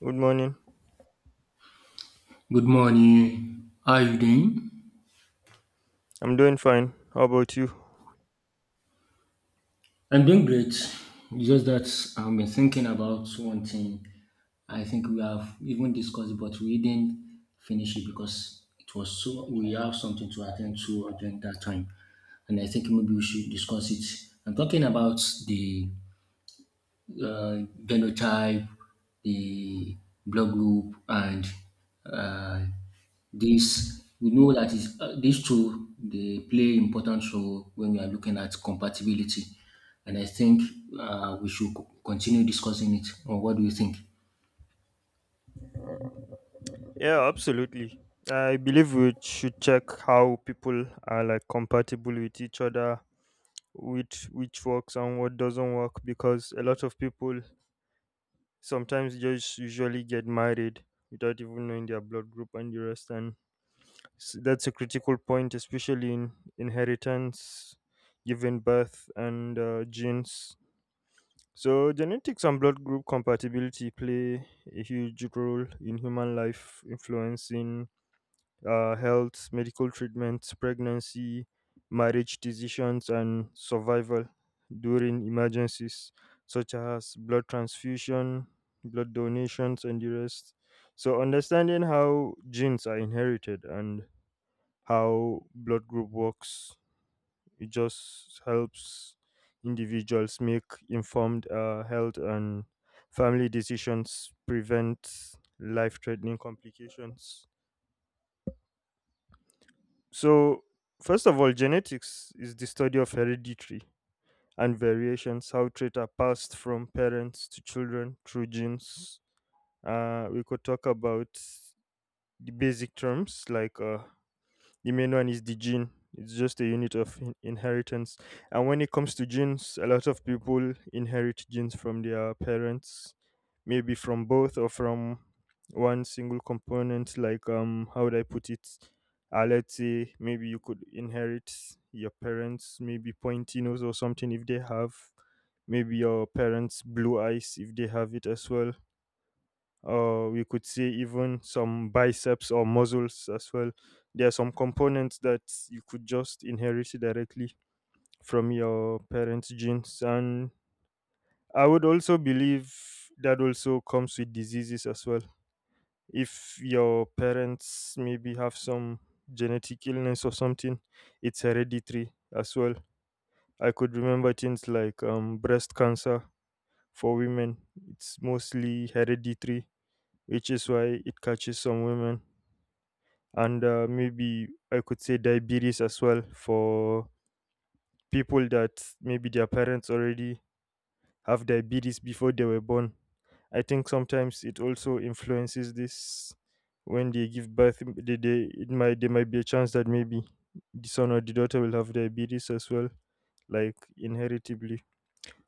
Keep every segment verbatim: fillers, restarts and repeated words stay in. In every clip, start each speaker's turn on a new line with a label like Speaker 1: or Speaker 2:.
Speaker 1: Good morning.
Speaker 2: Good morning. How are you doing?
Speaker 1: I'm doing fine. How about you?
Speaker 2: I'm doing great. It's Just that I've been thinking about one thing. I think we have even discussed it, but we didn't finish it because it was so we have something to attend to during that time. And I think maybe we should discuss it. I'm talking about the uh, genotype, the blood group, and uh, this we know that is uh, these two they play important role when we are looking at compatibility, and I think uh, we should co- continue discussing it. Or what do you think?
Speaker 1: Yeah, absolutely. I believe we should check how people are like compatible with each other, which which works and what doesn't work because a lot of people sometimes just usually get married without even knowing their blood group and the rest and s- that's a critical point, especially in inheritance, giving birth, and uh, genes. So, genetics and blood group compatibility play a huge role in human life, influencing uh, health, medical treatments, pregnancy, marriage decisions, and survival during emergencies such as blood transfusion, blood donations, and the rest. So, understanding how genes are inherited and how blood group works, it just helps individuals make informed uh, health and family decisions, prevent life threatening complications. So, first of all, genetics is the study of hereditary and variations, how traits are passed from parents to children through genes. Uh, we could talk about the basic terms like uh, the main one is the gene. It's just a unit of in- inheritance. And when it comes to genes, a lot of people inherit genes from their parents, maybe from both or from one single component. Like, um, how would I put it? Uh, let's say maybe you could inherit your parents, maybe pointy nose or something if they have, maybe your parents' blue eyes if they have it as well. Uh, we could say even some biceps or muscles as well. There are some components that you could just inherit directly from your parents' genes. And I would also believe that also comes with diseases as well. If your parents maybe have some genetic illness or something, it's hereditary as well. I could remember things like um, breast cancer for women, it's mostly hereditary, which is why it catches some women, and uh, maybe I could say diabetes as well for people that maybe their parents already have diabetes before they were born. I think sometimes it also influences this when they give birth. They, they, it might there might be a chance that maybe the son or the daughter will have diabetes as well, like inheritably.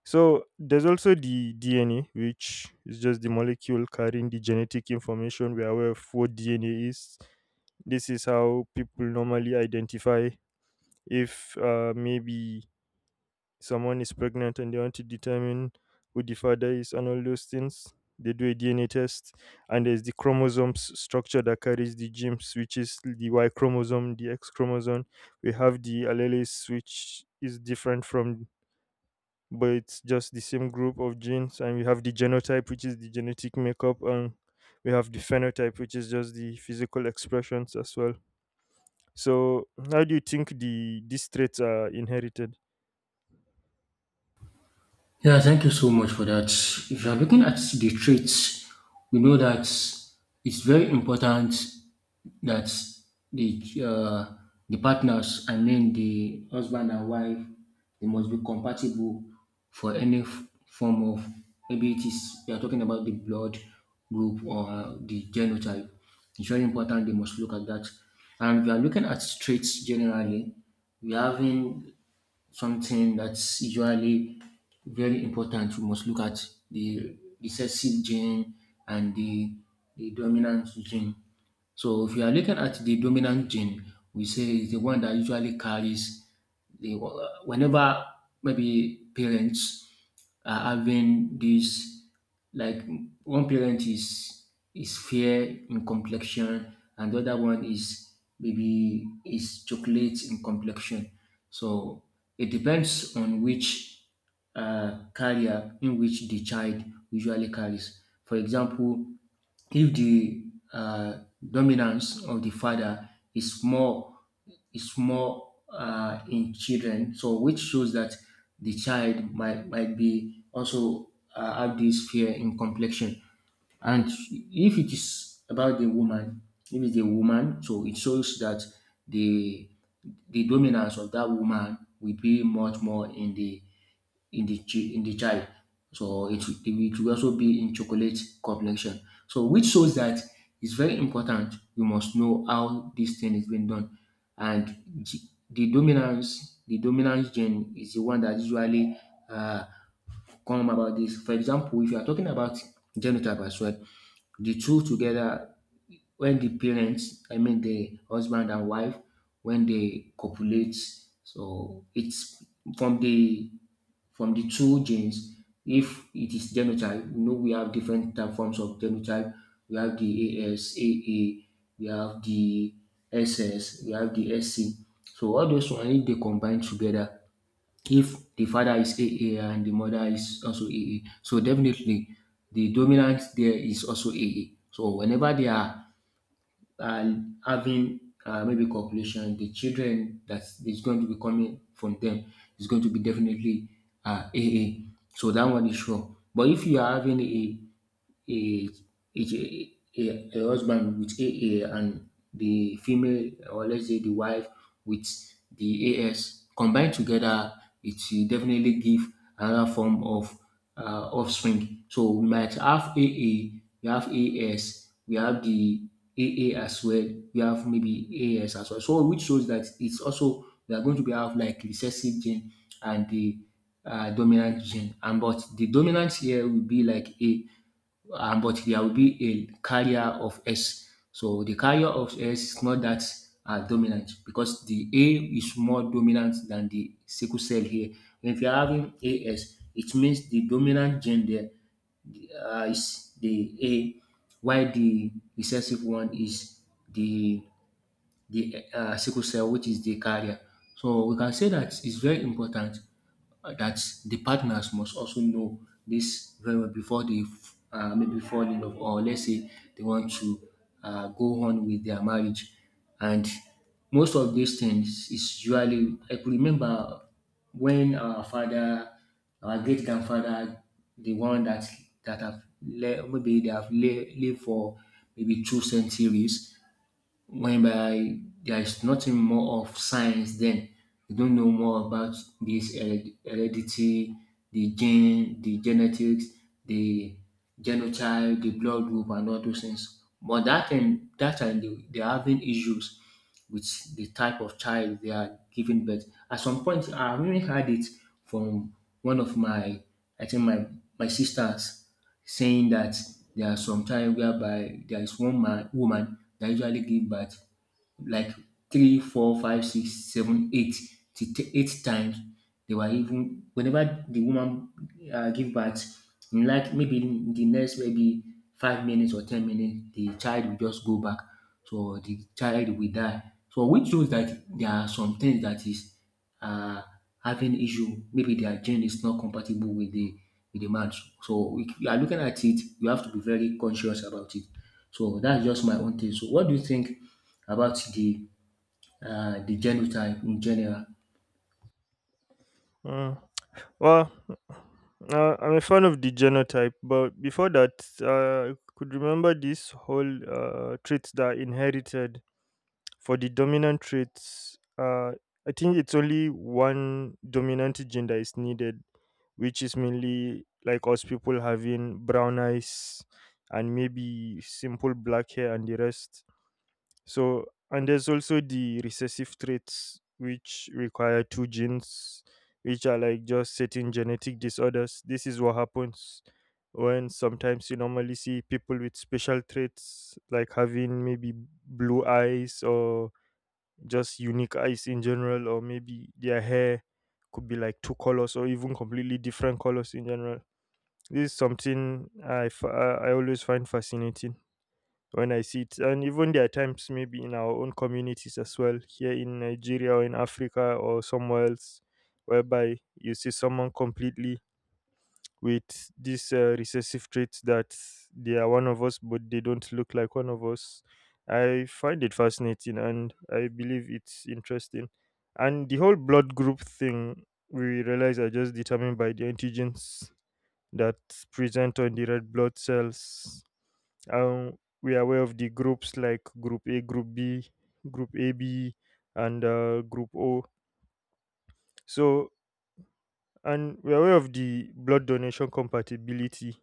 Speaker 1: So there's also the D N A, which is just the molecule carrying the genetic information. We're aware of what D N A is. This is how people normally identify if uh, maybe someone is pregnant and they want to determine who the father is and all those things. They do a D N A test, and there's the chromosomes structure that carries the genes, which is the Y chromosome, the X chromosome. We have the alleles, which is different from, but it's just the same group of genes, and we have the genotype, which is the genetic makeup, and we have the phenotype, which is just the physical expressions as well. So, how do you think the these traits are inherited?
Speaker 2: Yeah, thank you so much for that. If you are looking at the traits, we know that it's very important that the uh, the partners, I mean the husband and wife, they must be compatible for any f- form of maybe it is we are talking about the blood group or the genotype. It's very important they must look at that. And if you are looking at traits generally, we are having something that's usually very important. We must look at the recessive gene and the, the dominant gene. So if you are looking at the dominant gene, we say it's the one that usually carries they, whenever maybe parents are having this, like one parent is is fair in complexion, and the other one is maybe is chocolate in complexion. So it depends on which uh, carrier in which the child usually carries. For example, if the uh, dominance of the father is more is more uh, in children. So which shows that the child might might be also uh, have this fear in complexion. And if it is about the woman, if it's a woman, so it shows that the the dominance of that woman will be much more in the in the chi- in the child. So it, will- it will also be in chocolate complexion. So which shows that it's very important. We must know how this thing is being done, and g- the dominance the dominance gene is the one that usually uh, come about this. For example, if you are talking about genital as well, the two together when the parents, I mean the husband and wife, when they copulate, so it's from the from the two genes. If it is genotype, you know we have different type forms of genotype. We have the A S A A, we have the S S, we have the S C. So all those one if they combine together if the father is A A and the mother is also A A, so definitely the dominant there is also A A. So whenever they are uh, having uh, maybe copulation, the children that is going to be coming from them is going to be definitely uh, A A. So that one is sure. But if you are having a a a, a, a husband with A A and the female or let's say the wife with the A S combined together, it will definitely give another form of uh, offspring. So we might have A A, we have A S, we have the AA as well, we have maybe A S as well. So which shows that it's also they are going to be have like recessive gene and the uh, dominant gene. And but the dominant here will be like A, um, but there will be a carrier of S. So the carrier of S is not that uh, dominant because the A is more dominant than the sickle cell here. If you're having A S, it means the dominant gene there uh, is the A, while the recessive one is the the uh, sickle cell, which is the carrier. So we can say that it's very important uh, that the partners must also know this very well before they f- uh, maybe fall in love, or let's say they want to uh, go on with their marriage. And most of these things is usually I could remember when our father, our great grandfather, the one that that have le- maybe they have le- lived for maybe two centuries whereby there is nothing more of science then you don't know more about this hered- heredity the gene the genetics the genotype the blood group and all those things, but that time that time they, they're having issues with the type of child they are giving birth. At some point I really had it from one of my I think my my sisters saying that there are some time whereby there is one man woman that usually give birth like three, four, five, six, seven, eight, to t- eight times. They were even whenever the woman uh, give birth, in like maybe in the next maybe five minutes or ten minutes, the child will just go back. So the child will die. So which shows that there are some things that is uh, having issue. Maybe their gene is not compatible with the with the match. So if you are looking at it, you have to be very conscious about it. So that's just my own thing. So what do you think about the uh, the genotype in general?
Speaker 1: Uh, well, uh, I'm a fan of the genotype, but before that, uh, I could remember this whole uh, traits that are inherited. For the dominant traits, uh, I think it's only one dominant gene that is needed, which is mainly like us people having brown eyes and maybe simple black hair and the rest. So, and there's also the recessive traits, which require two genes, which are like just certain genetic disorders. This is what happens when sometimes you normally see people with special traits like having maybe blue eyes or just unique eyes in general, or maybe their hair could be like two colors or even completely different colors in general. This is something I, f- I I always find fascinating when I see it, and even there are times maybe in our own communities as well, here in Nigeria or in Africa or somewhere else, whereby you see someone completely with these uh, recessive traits that they are one of us, but they don't look like one of us. I find it fascinating and I believe it's interesting. And the whole blood group thing, we realize are just determined by the antigens that present on the red blood cells. Um, we are aware of the groups like group A, group B, group A B, and uh, group O. So, and we are aware of the blood donation compatibility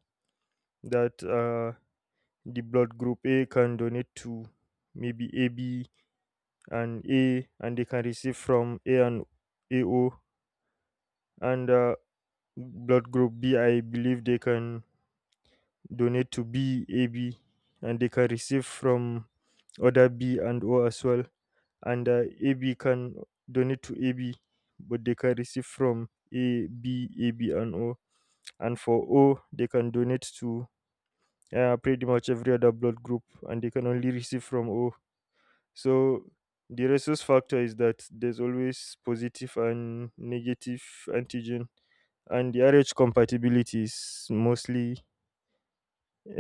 Speaker 1: that uh, the blood group A can donate to maybe A B and A, and they can receive from A and A O. And uh, blood group B, I believe they can donate to B, A B, and they can receive from other B and O as well. And uh, A B can donate to A B, but they can receive from A, B, A B, and O. And for O, they can donate to uh, pretty much every other blood group, and they can only receive from O. So the resource factor is that there's always positive and negative antigen, and the R H compatibility is mostly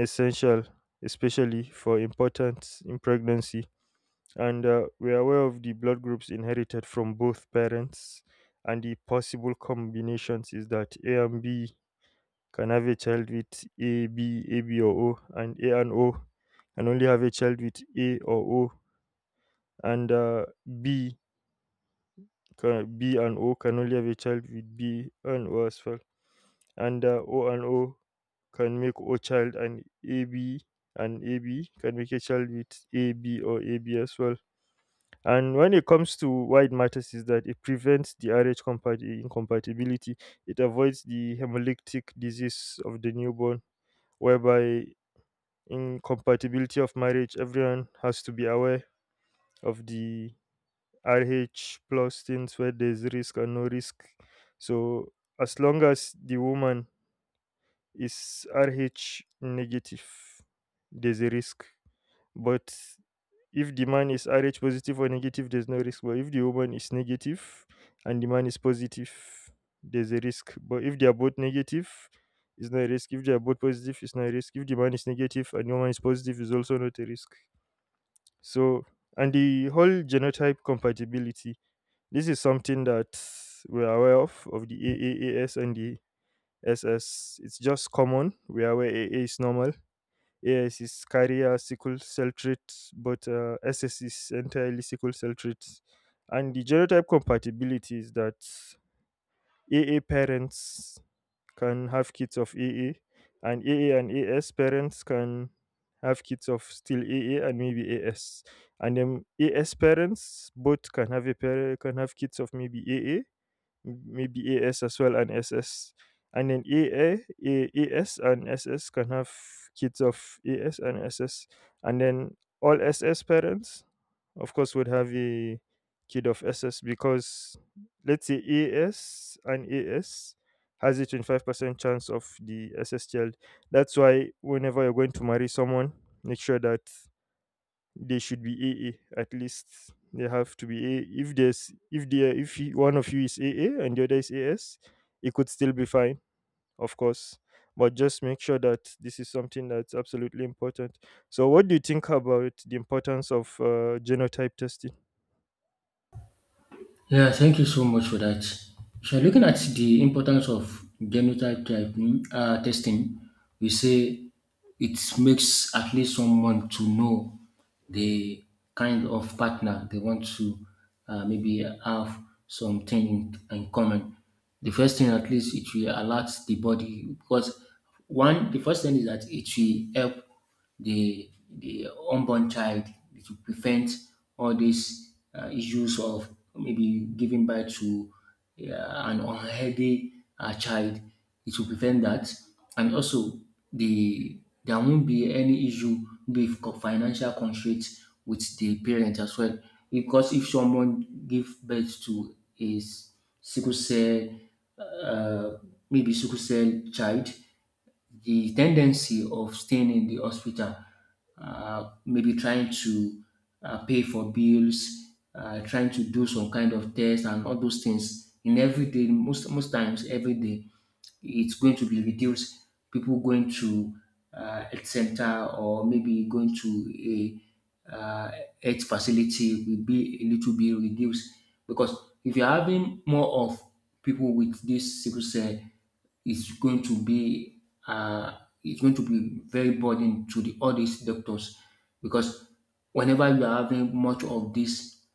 Speaker 1: essential, especially for importance in pregnancy. And uh, we are aware of the blood groups inherited from both parents, and the possible combinations is that A and B can have a child with A, B, A, B, or O, and A and O can only have a child with A or O, and uh, B Can B and O can only have a child with B and O as well. And uh, O and O can make O child, and A B and A B can make a child with A B or A B as well. And when it comes to why it matters is that it prevents the R H compat- incompatibility. It avoids the hemolytic disease of the newborn, whereby incompatibility of marriage, everyone has to be aware of the R H plus things where there's risk and no risk. So as long as the woman is R H negative, there's a risk. But if the man is R H positive or negative, there's no risk. But if the woman is negative and the man is positive, there's a risk. But if they are both negative, it's not a risk. If they are both positive, it's not a risk. If the man is negative and the woman is positive, it's also not a risk. So, and the whole genotype compatibility. This is something that we are aware of, of the A A A S and the S S. It's just common. We are aware A A is normal. A S is carrier sickle cell trait, but uh, S S is entirely sickle cell traits. And the genotype compatibility is that A A parents can have kids of A A, and A A and A S parents can have kids of still A A and maybe A S, and then A S parents both can have a pair can have kids of maybe A A m- maybe A S as well, and SS. And then AA, A- A, AS and SS can have kids of AS and SS. And then all S S parents, of course, would have a kid of S S because let's say A S and AS has a twenty-five percent chance of the S S child. That's why whenever you're going to marry someone, make sure that they should be A A at least. They have to be A. A. If there's if they are, if you- one of you is A A and the other is A S, it could still be fine, of course. But just make sure that this is something that's absolutely important. So, what do you think about the importance of uh, genotype testing?
Speaker 2: Yeah, thank you so much for that. So looking at the importance of genotype typing uh, testing, we say it makes at least someone to know the kind of partner they want to uh, maybe have something in, in common. The first thing, at least, it will alert the body because one, the first thing is that it will help the the unborn child to prevent all these uh, issues of maybe giving birth to uh, an unhealthy uh, child. It will prevent that, and also the there won't be any issue with co- financial constraints with the parent as well. Because if someone give birth to a s- sickle cell, uh, maybe sickle cell child, the tendency of staying in the hospital, uh, maybe trying to uh, pay for bills, uh, trying to do some kind of test and all those things in every day, most most times every day, it's going to be reduced. People going to uh, health center or maybe going to a uh, health facility will be a little bit reduced because if you're having more of people with this sickle cell it's going to be uh, it's going to be very burden to the all these doctors because whenever you are having much of this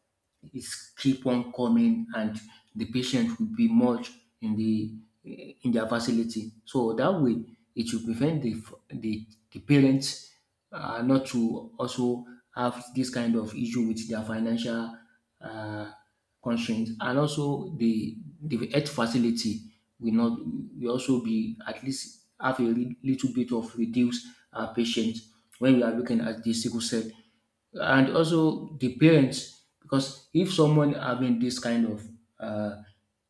Speaker 2: it keep on coming and the patient will be much in the in their facility, so that way it will prevent the the, the parents uh, not to also have this kind of issue with their financial uh, constraints, and also the the health facility will not will also be at least have a lit- little bit of reduced uh, patients when we are looking at the sickle cell. And also the parents, because if someone having this kind of uh,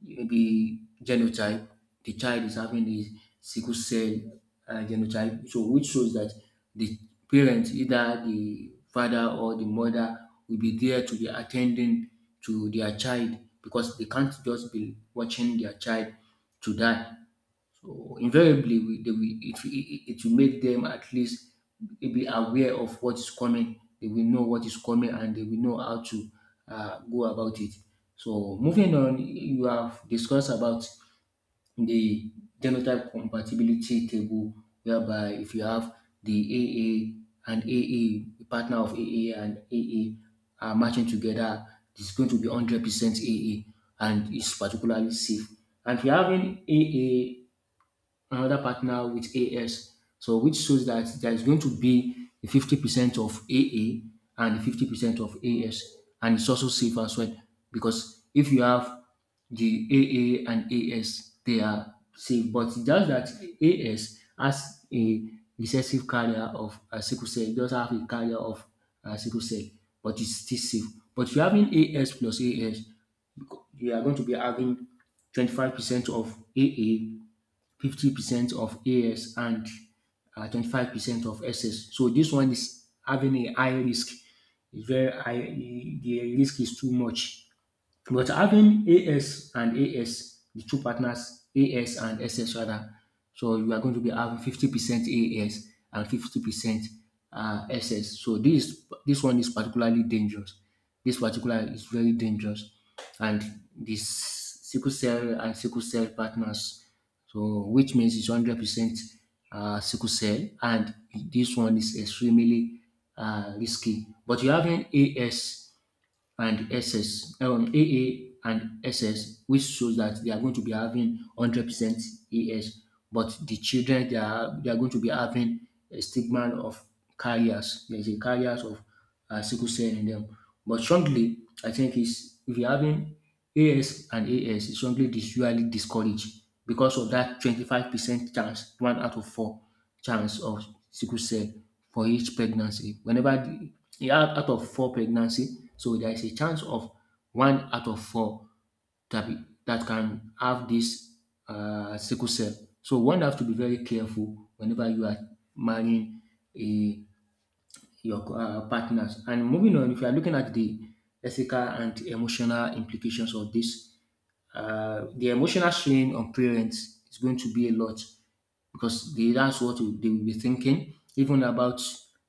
Speaker 2: maybe genotype the child is having the sickle cell uh, genotype, so which shows that the parent either the father or the mother will be there to be attending to their child because they can't just be watching their child to die. So invariably, we, they, will it, it, it will make them at least be aware of what is coming. They will know what is coming and they will know how to uh, go about it. So moving on, you have discussed about the genotype compatibility table, whereby if you have the A A and AA, the partner of AA and A A are matching together, it's going to be one hundred percent A A and it's particularly safe. And if you're having A A another partner with A S. So which shows that there is going to be the fifty percent of A A and the fifty percent of A S. And it's also safe as well because if you have the A A and A S, they are safe. But it's just that A S has a recessive carrier of uh, sickle cell. It does have a carrier of uh, sickle cell, but it's still safe. But if you're having A S plus A S, you are going to be having twenty-five percent of A A, fifty percent of A S, and uh, twenty-five percent of S S. So this one is having a high risk. It's very high. The risk is too much. But having A S and AS, the two partners, AS and S S rather, so you are going to be having fifty percent A S and fifty percent uh, S S. So this this one is particularly dangerous. This particular is very dangerous, and this sickle cell and sickle cell partners. So which means it's one hundred percent uh, sickle cell, and this one is extremely uh, risky. But you having AS and SS, um, AA and SS, which shows that they are going to be having one hundred percent A S, but the children they are they are going to be having a stigma of carriers. There is a carriers of uh, sickle cell in them. But strongly, I think is if you're having A S and A S, it's strongly dis- usually discouraged because of that twenty-five percent chance, one out of four chance of sickle cell for each pregnancy. Whenever the yeah out of four pregnancy, so there is a chance of one out of four that be that can have this uh sickle cell. So one have to be very careful whenever you are marrying a your um partners. And moving on, if you are looking at the ethical and emotional implications of this, uh, the emotional strain on parents is going to be a lot because they, that's what they will be thinking, even about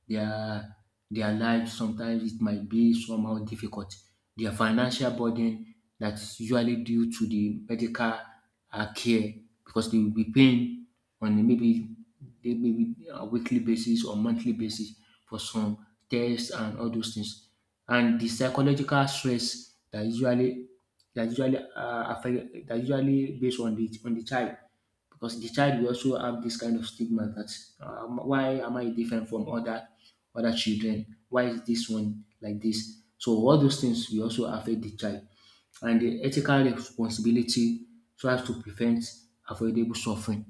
Speaker 2: their their life. Sometimes it might be somehow difficult. Their financial burden that is usually due to the medical uh, care, because they will be paying on a, maybe they, maybe a weekly basis or monthly basis, for some tests and all those things. And the psychological stress that usually that usually uh, affect that usually based on the on the child, because the child will also have this kind of stigma that um, why am I different from other other children? Why is this one like this? So all those things will also affect the child, and the ethical responsibility tries to prevent avoidable suffering.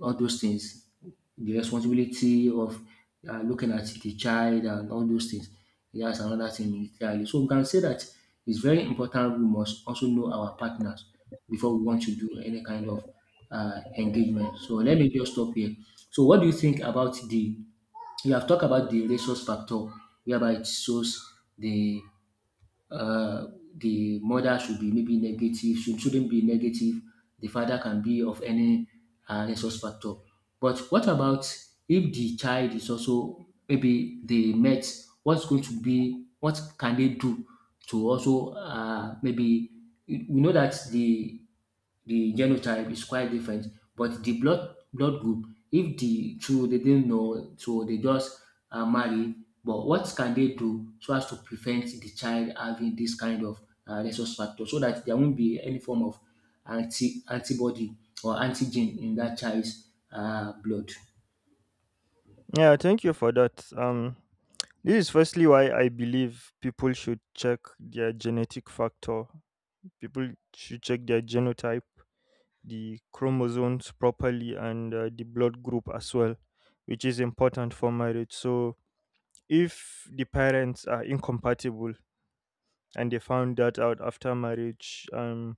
Speaker 2: All those things, the responsibility of uh, looking at the child and all those things, that's another thing entirely. So we can say that it's very important we must also know our partners before we want to do any kind of uh, engagement. So let me just stop here. So what do you think about the, you have talked about the resource factor, whereby it shows the uh, the mother should be, maybe negative, should shouldn't be negative. The father can be of any uh, resource factor. But what about if the child is also maybe they met? What's going to be? What can they do to also, uh, maybe? We we know that the the genotype is quite different, but the blood blood group, if the two they didn't know, so they just uh, marry. But what can they do so as to prevent the child having this kind of uh, rhesus factor, so that there won't be any form of anti antibody or antigen in that child's uh, blood?
Speaker 1: Yeah, thank you for that. Um, this is firstly why I believe people should check their genetic factor. People should check their genotype, the chromosomes properly, and uh, the blood group as well, which is important for marriage. So, if the parents are incompatible and they found that out after marriage, um,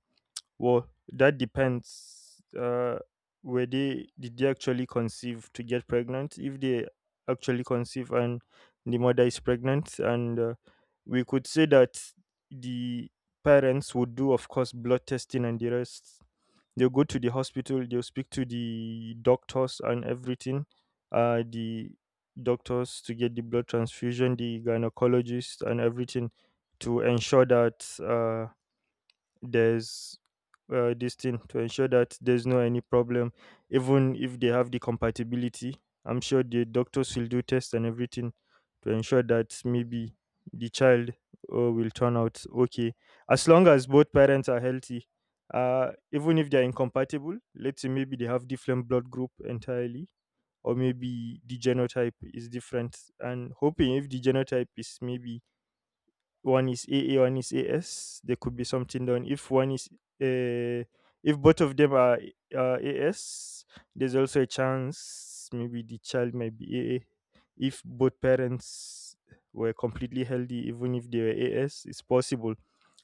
Speaker 1: well, that depends. Uh, were they did they actually conceive to get pregnant? If they actually conceive and the mother is pregnant, and uh, we could say that the parents would do, of course, blood testing and the rest. They go to the hospital, they speak to the doctors and everything, uh the doctors, to get the blood transfusion, the gynecologist, and everything to ensure that uh there's uh, this thing, to ensure that there's no any problem. Even if they have the compatibility, I'm sure the doctors will do tests and everything to ensure that maybe the child uh, will turn out okay. As long as both parents are healthy, uh, even if they're incompatible, let's say maybe they have different blood group entirely or maybe the genotype is different, and hoping if the genotype is maybe one is A A, one is A S. There could be something done. If one is, uh, if both of them are uh, A S, there's also a chance maybe the child might be A A. If both parents were completely healthy, even if they were A S, it's possible.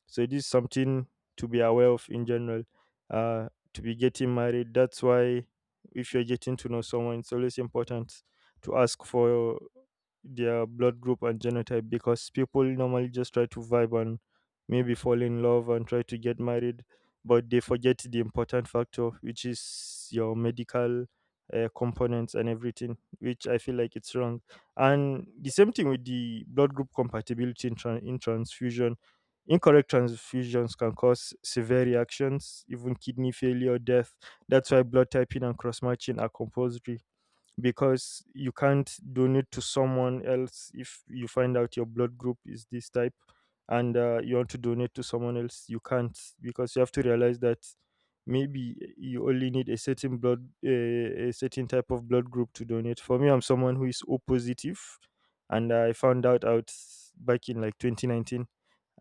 Speaker 1: So this is something to be aware of in general. Uh, to be getting married, that's why if you're getting to know someone, it's always important to ask for their blood group and genotype because people normally just try to vibe and maybe fall in love and try to get married, but they forget the important factor, which is your medical uh, components and everything, which I feel like it's wrong. And the same thing with the blood group compatibility in, tran in transfusion. Incorrect transfusions can cause severe reactions, even kidney failure or death. That's why blood typing and cross matching are compulsory because you can't donate to someone else if you find out your blood group is this type and uh, you want to donate to someone else. You can't because you have to realize that maybe you only need a certain blood, a, a certain type of blood group to donate. For me, I'm someone who is O positive, and I found out out back in like twenty nineteen.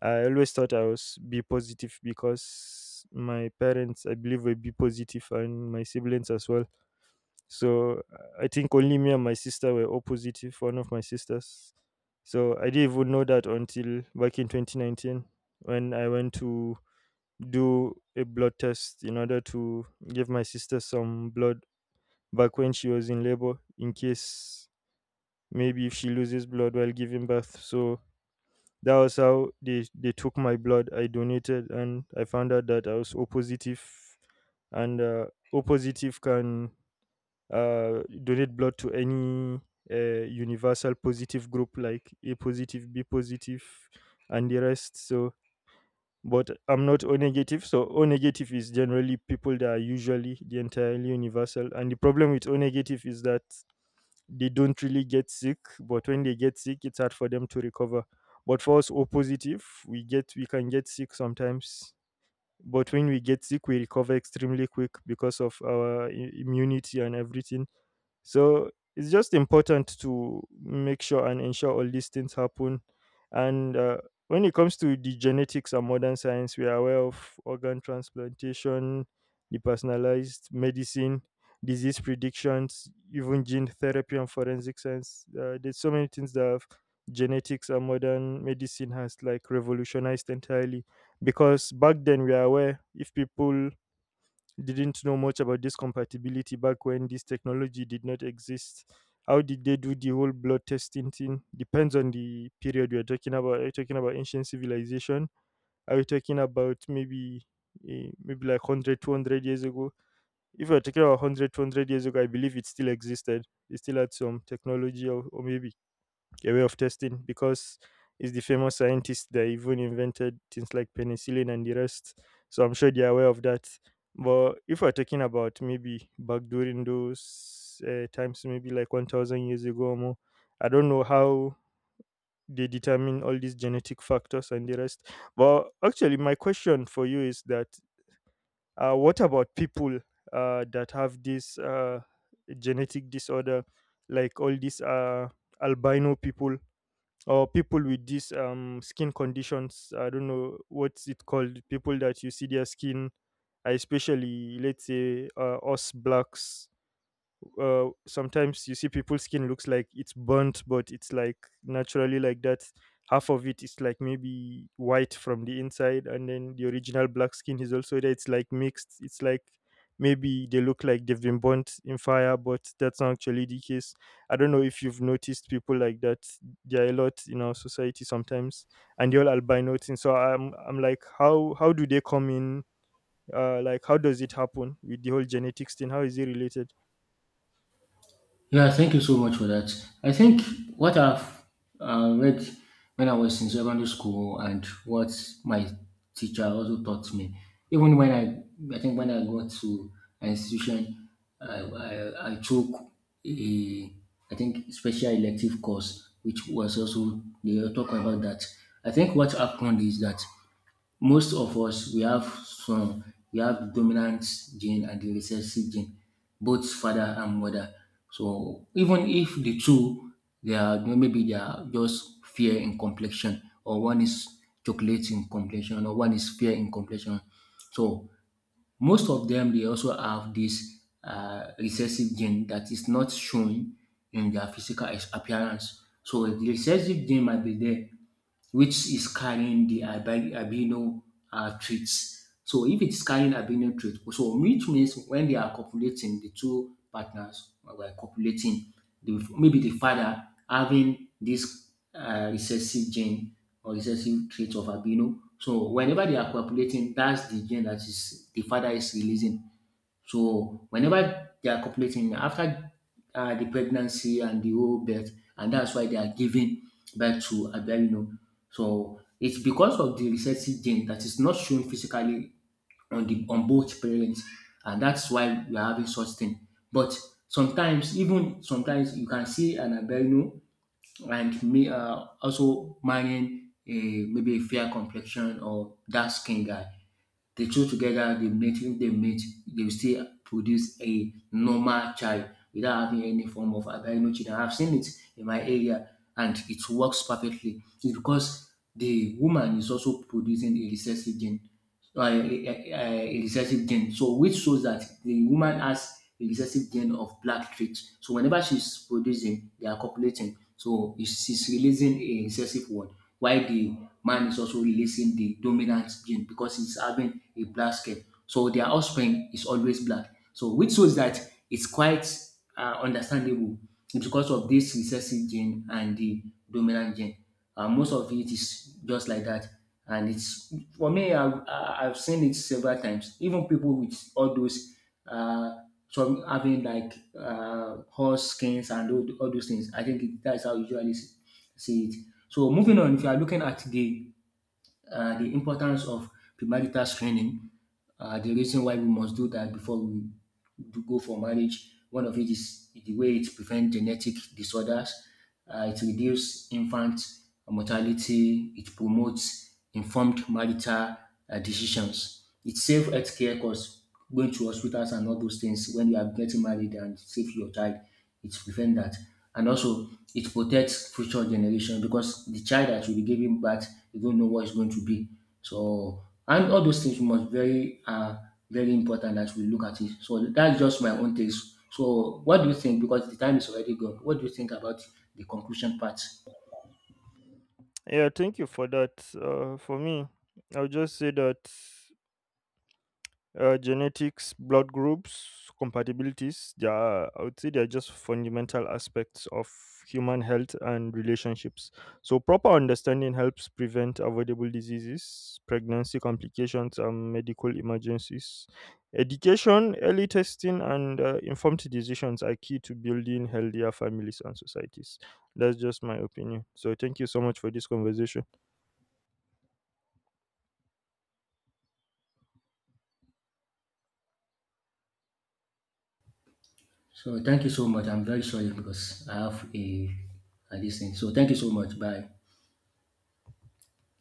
Speaker 1: I always thought I was be positive because my parents, I believe, were be positive and my siblings as well. So I think only me and my sister were all positive, one of my sisters. So I didn't even know that until back in twenty nineteen when I went to do a blood test in order to give my sister some blood back when she was in labor in case maybe if she loses blood while giving birth. So that was how they, they took my blood. I donated and I found out that I was O positive, and uh, O positive can uh, donate blood to any uh, universal positive group like A positive, B positive, and the rest. So, but I'm not O negative. So O negative is generally people that are usually the entirely universal. And the problem with O negative is that they don't really get sick, but when they get sick it's hard for them to recover. But for us O positive, we get we can get sick sometimes, but when we get sick we recover extremely quick because of our i- immunity and everything. So it's just important to make sure and ensure all these things happen. And uh, when it comes to the genetics and modern science, we are aware of organ transplantation, the personalized medicine, disease predictions, even gene therapy and forensic science. Uh, there's so many things that genetics and modern medicine has like revolutionized entirely, because back then we are aware if people didn't know much about this compatibility back when this technology did not exist. How did they do the whole blood testing thing? Depends on the period we are talking about. Are you talking about ancient civilization? Are you talking about maybe eh, maybe like one hundred, two hundred years ago? If we are talking about one hundred, two hundred years ago, I believe it still existed. They still had some technology or, or maybe a way of testing, because it's the famous scientists that even invented things like penicillin and the rest. So I'm sure they're aware of that. But if we're talking about maybe back during those uh, times, maybe like one thousand years ago or more, I don't know how they determine all these genetic factors and the rest. But actually, my question for you is that uh, what about people uh, that have this uh, genetic disorder, like all these uh, albino people, or people with these um skin conditions, I don't know what's it called, people that you see their skin, uh, especially, let's say, uh, us blacks, uh, sometimes you see people's skin looks like it's burnt, but it's like naturally like that. Half of it is like maybe white from the inside, and then the original black skin is also there. It's like mixed. It's like maybe they look like they've been burnt in fire, but that's not actually the case. I don't know if you've noticed people like that. There are a lot in our society sometimes, and they're all albino. And so I'm, I'm like, how, how do they come in? Uh like, how does it happen with the whole genetics thing? How is it related?
Speaker 2: Yeah, thank you so much for that. I think what I've uh, read when I was in secondary school, and what my teacher also taught me, even when I, I think when I got to an institution, I, I, I took a, I think, special elective course, which was also, they were talking about that. I think what happened is that most of us, we have some we have the dominant gene and the recessive gene, both father and mother. So even if the two, they are maybe, they are just fair in complexion, or one is chocolate in complexion, or one is fair in complexion, so most of them, they also have this uh, recessive gene that is not shown in their physical ex- appearance. So the recessive gene might be there, which is carrying the albi- albino uh, traits. So if it's carrying albino trait, so which means, when they are copulating, the two partners were copulating, the maybe the father having this uh, recessive gene, or recessive trait of albino. So whenever they are copulating, that's the gene that is the father is releasing. So whenever they are copulating, after uh, the pregnancy and the whole birth, and that's why they are giving birth to albino. So it's because of the recessive gene that is not shown physically on the on both parents, and that's why we are having such thing. But sometimes, even sometimes, you can see an albino and may, uh, also marrying a, maybe a fair complexion or dark skin guy. The two together, they mate. If they mate, they will still produce a normal child without having any form of albino children. I've seen it in my area, and it works perfectly. It's because the woman is also producing a recessive gene, uh, a, a a recessive gene, so which shows that the woman has a recessive gene of black traits. So whenever she's producing, they are copulating, so is- she's releasing a recessive one, while the man is also releasing the dominant gene because he's having a black skin. So their offspring is always black. So which shows that it's quite uh, understandable because of this recessive gene and the dominant gene. Uh, most of it is just like that. And it's for me, I've, I- I've seen it several times. Even people with all those, uh, some having like uh, horse skins and all, all those things. I think it, that's how you usually see see it. So moving on, if you are looking at the uh, the importance of premarital screening, uh, the reason why we must do that before we do go for marriage. One of it is the way it prevents genetic disorders, uh, it reduces infant mortality, it promotes informed marital uh, decisions, it saves healthcare costs, going to hospitals and all those things when you are getting married, and save your child, it prevent that. And also, it protects future generation, because the child that will be giving birth, you don't know what it's going to be. So, and all those things must very uh very important as we look at it. So that's just my own taste. So what do you think? Because the time is already gone. What do you think about the conclusion part?
Speaker 1: Yeah, thank you for that. Uh for me, I'll just say that Uh, genetics, blood groups, compatibilities, they are, I would say, they are just fundamental aspects of human health and relationships. So, proper understanding helps prevent avoidable diseases, pregnancy complications, and medical emergencies. Education, early testing, and uh, informed decisions are key to building healthier families and societies. That's just my opinion. So, thank you so much for this conversation.
Speaker 2: So, thank you so much. I'm very sorry because I have a, a this thing. So, thank you so much. Bye.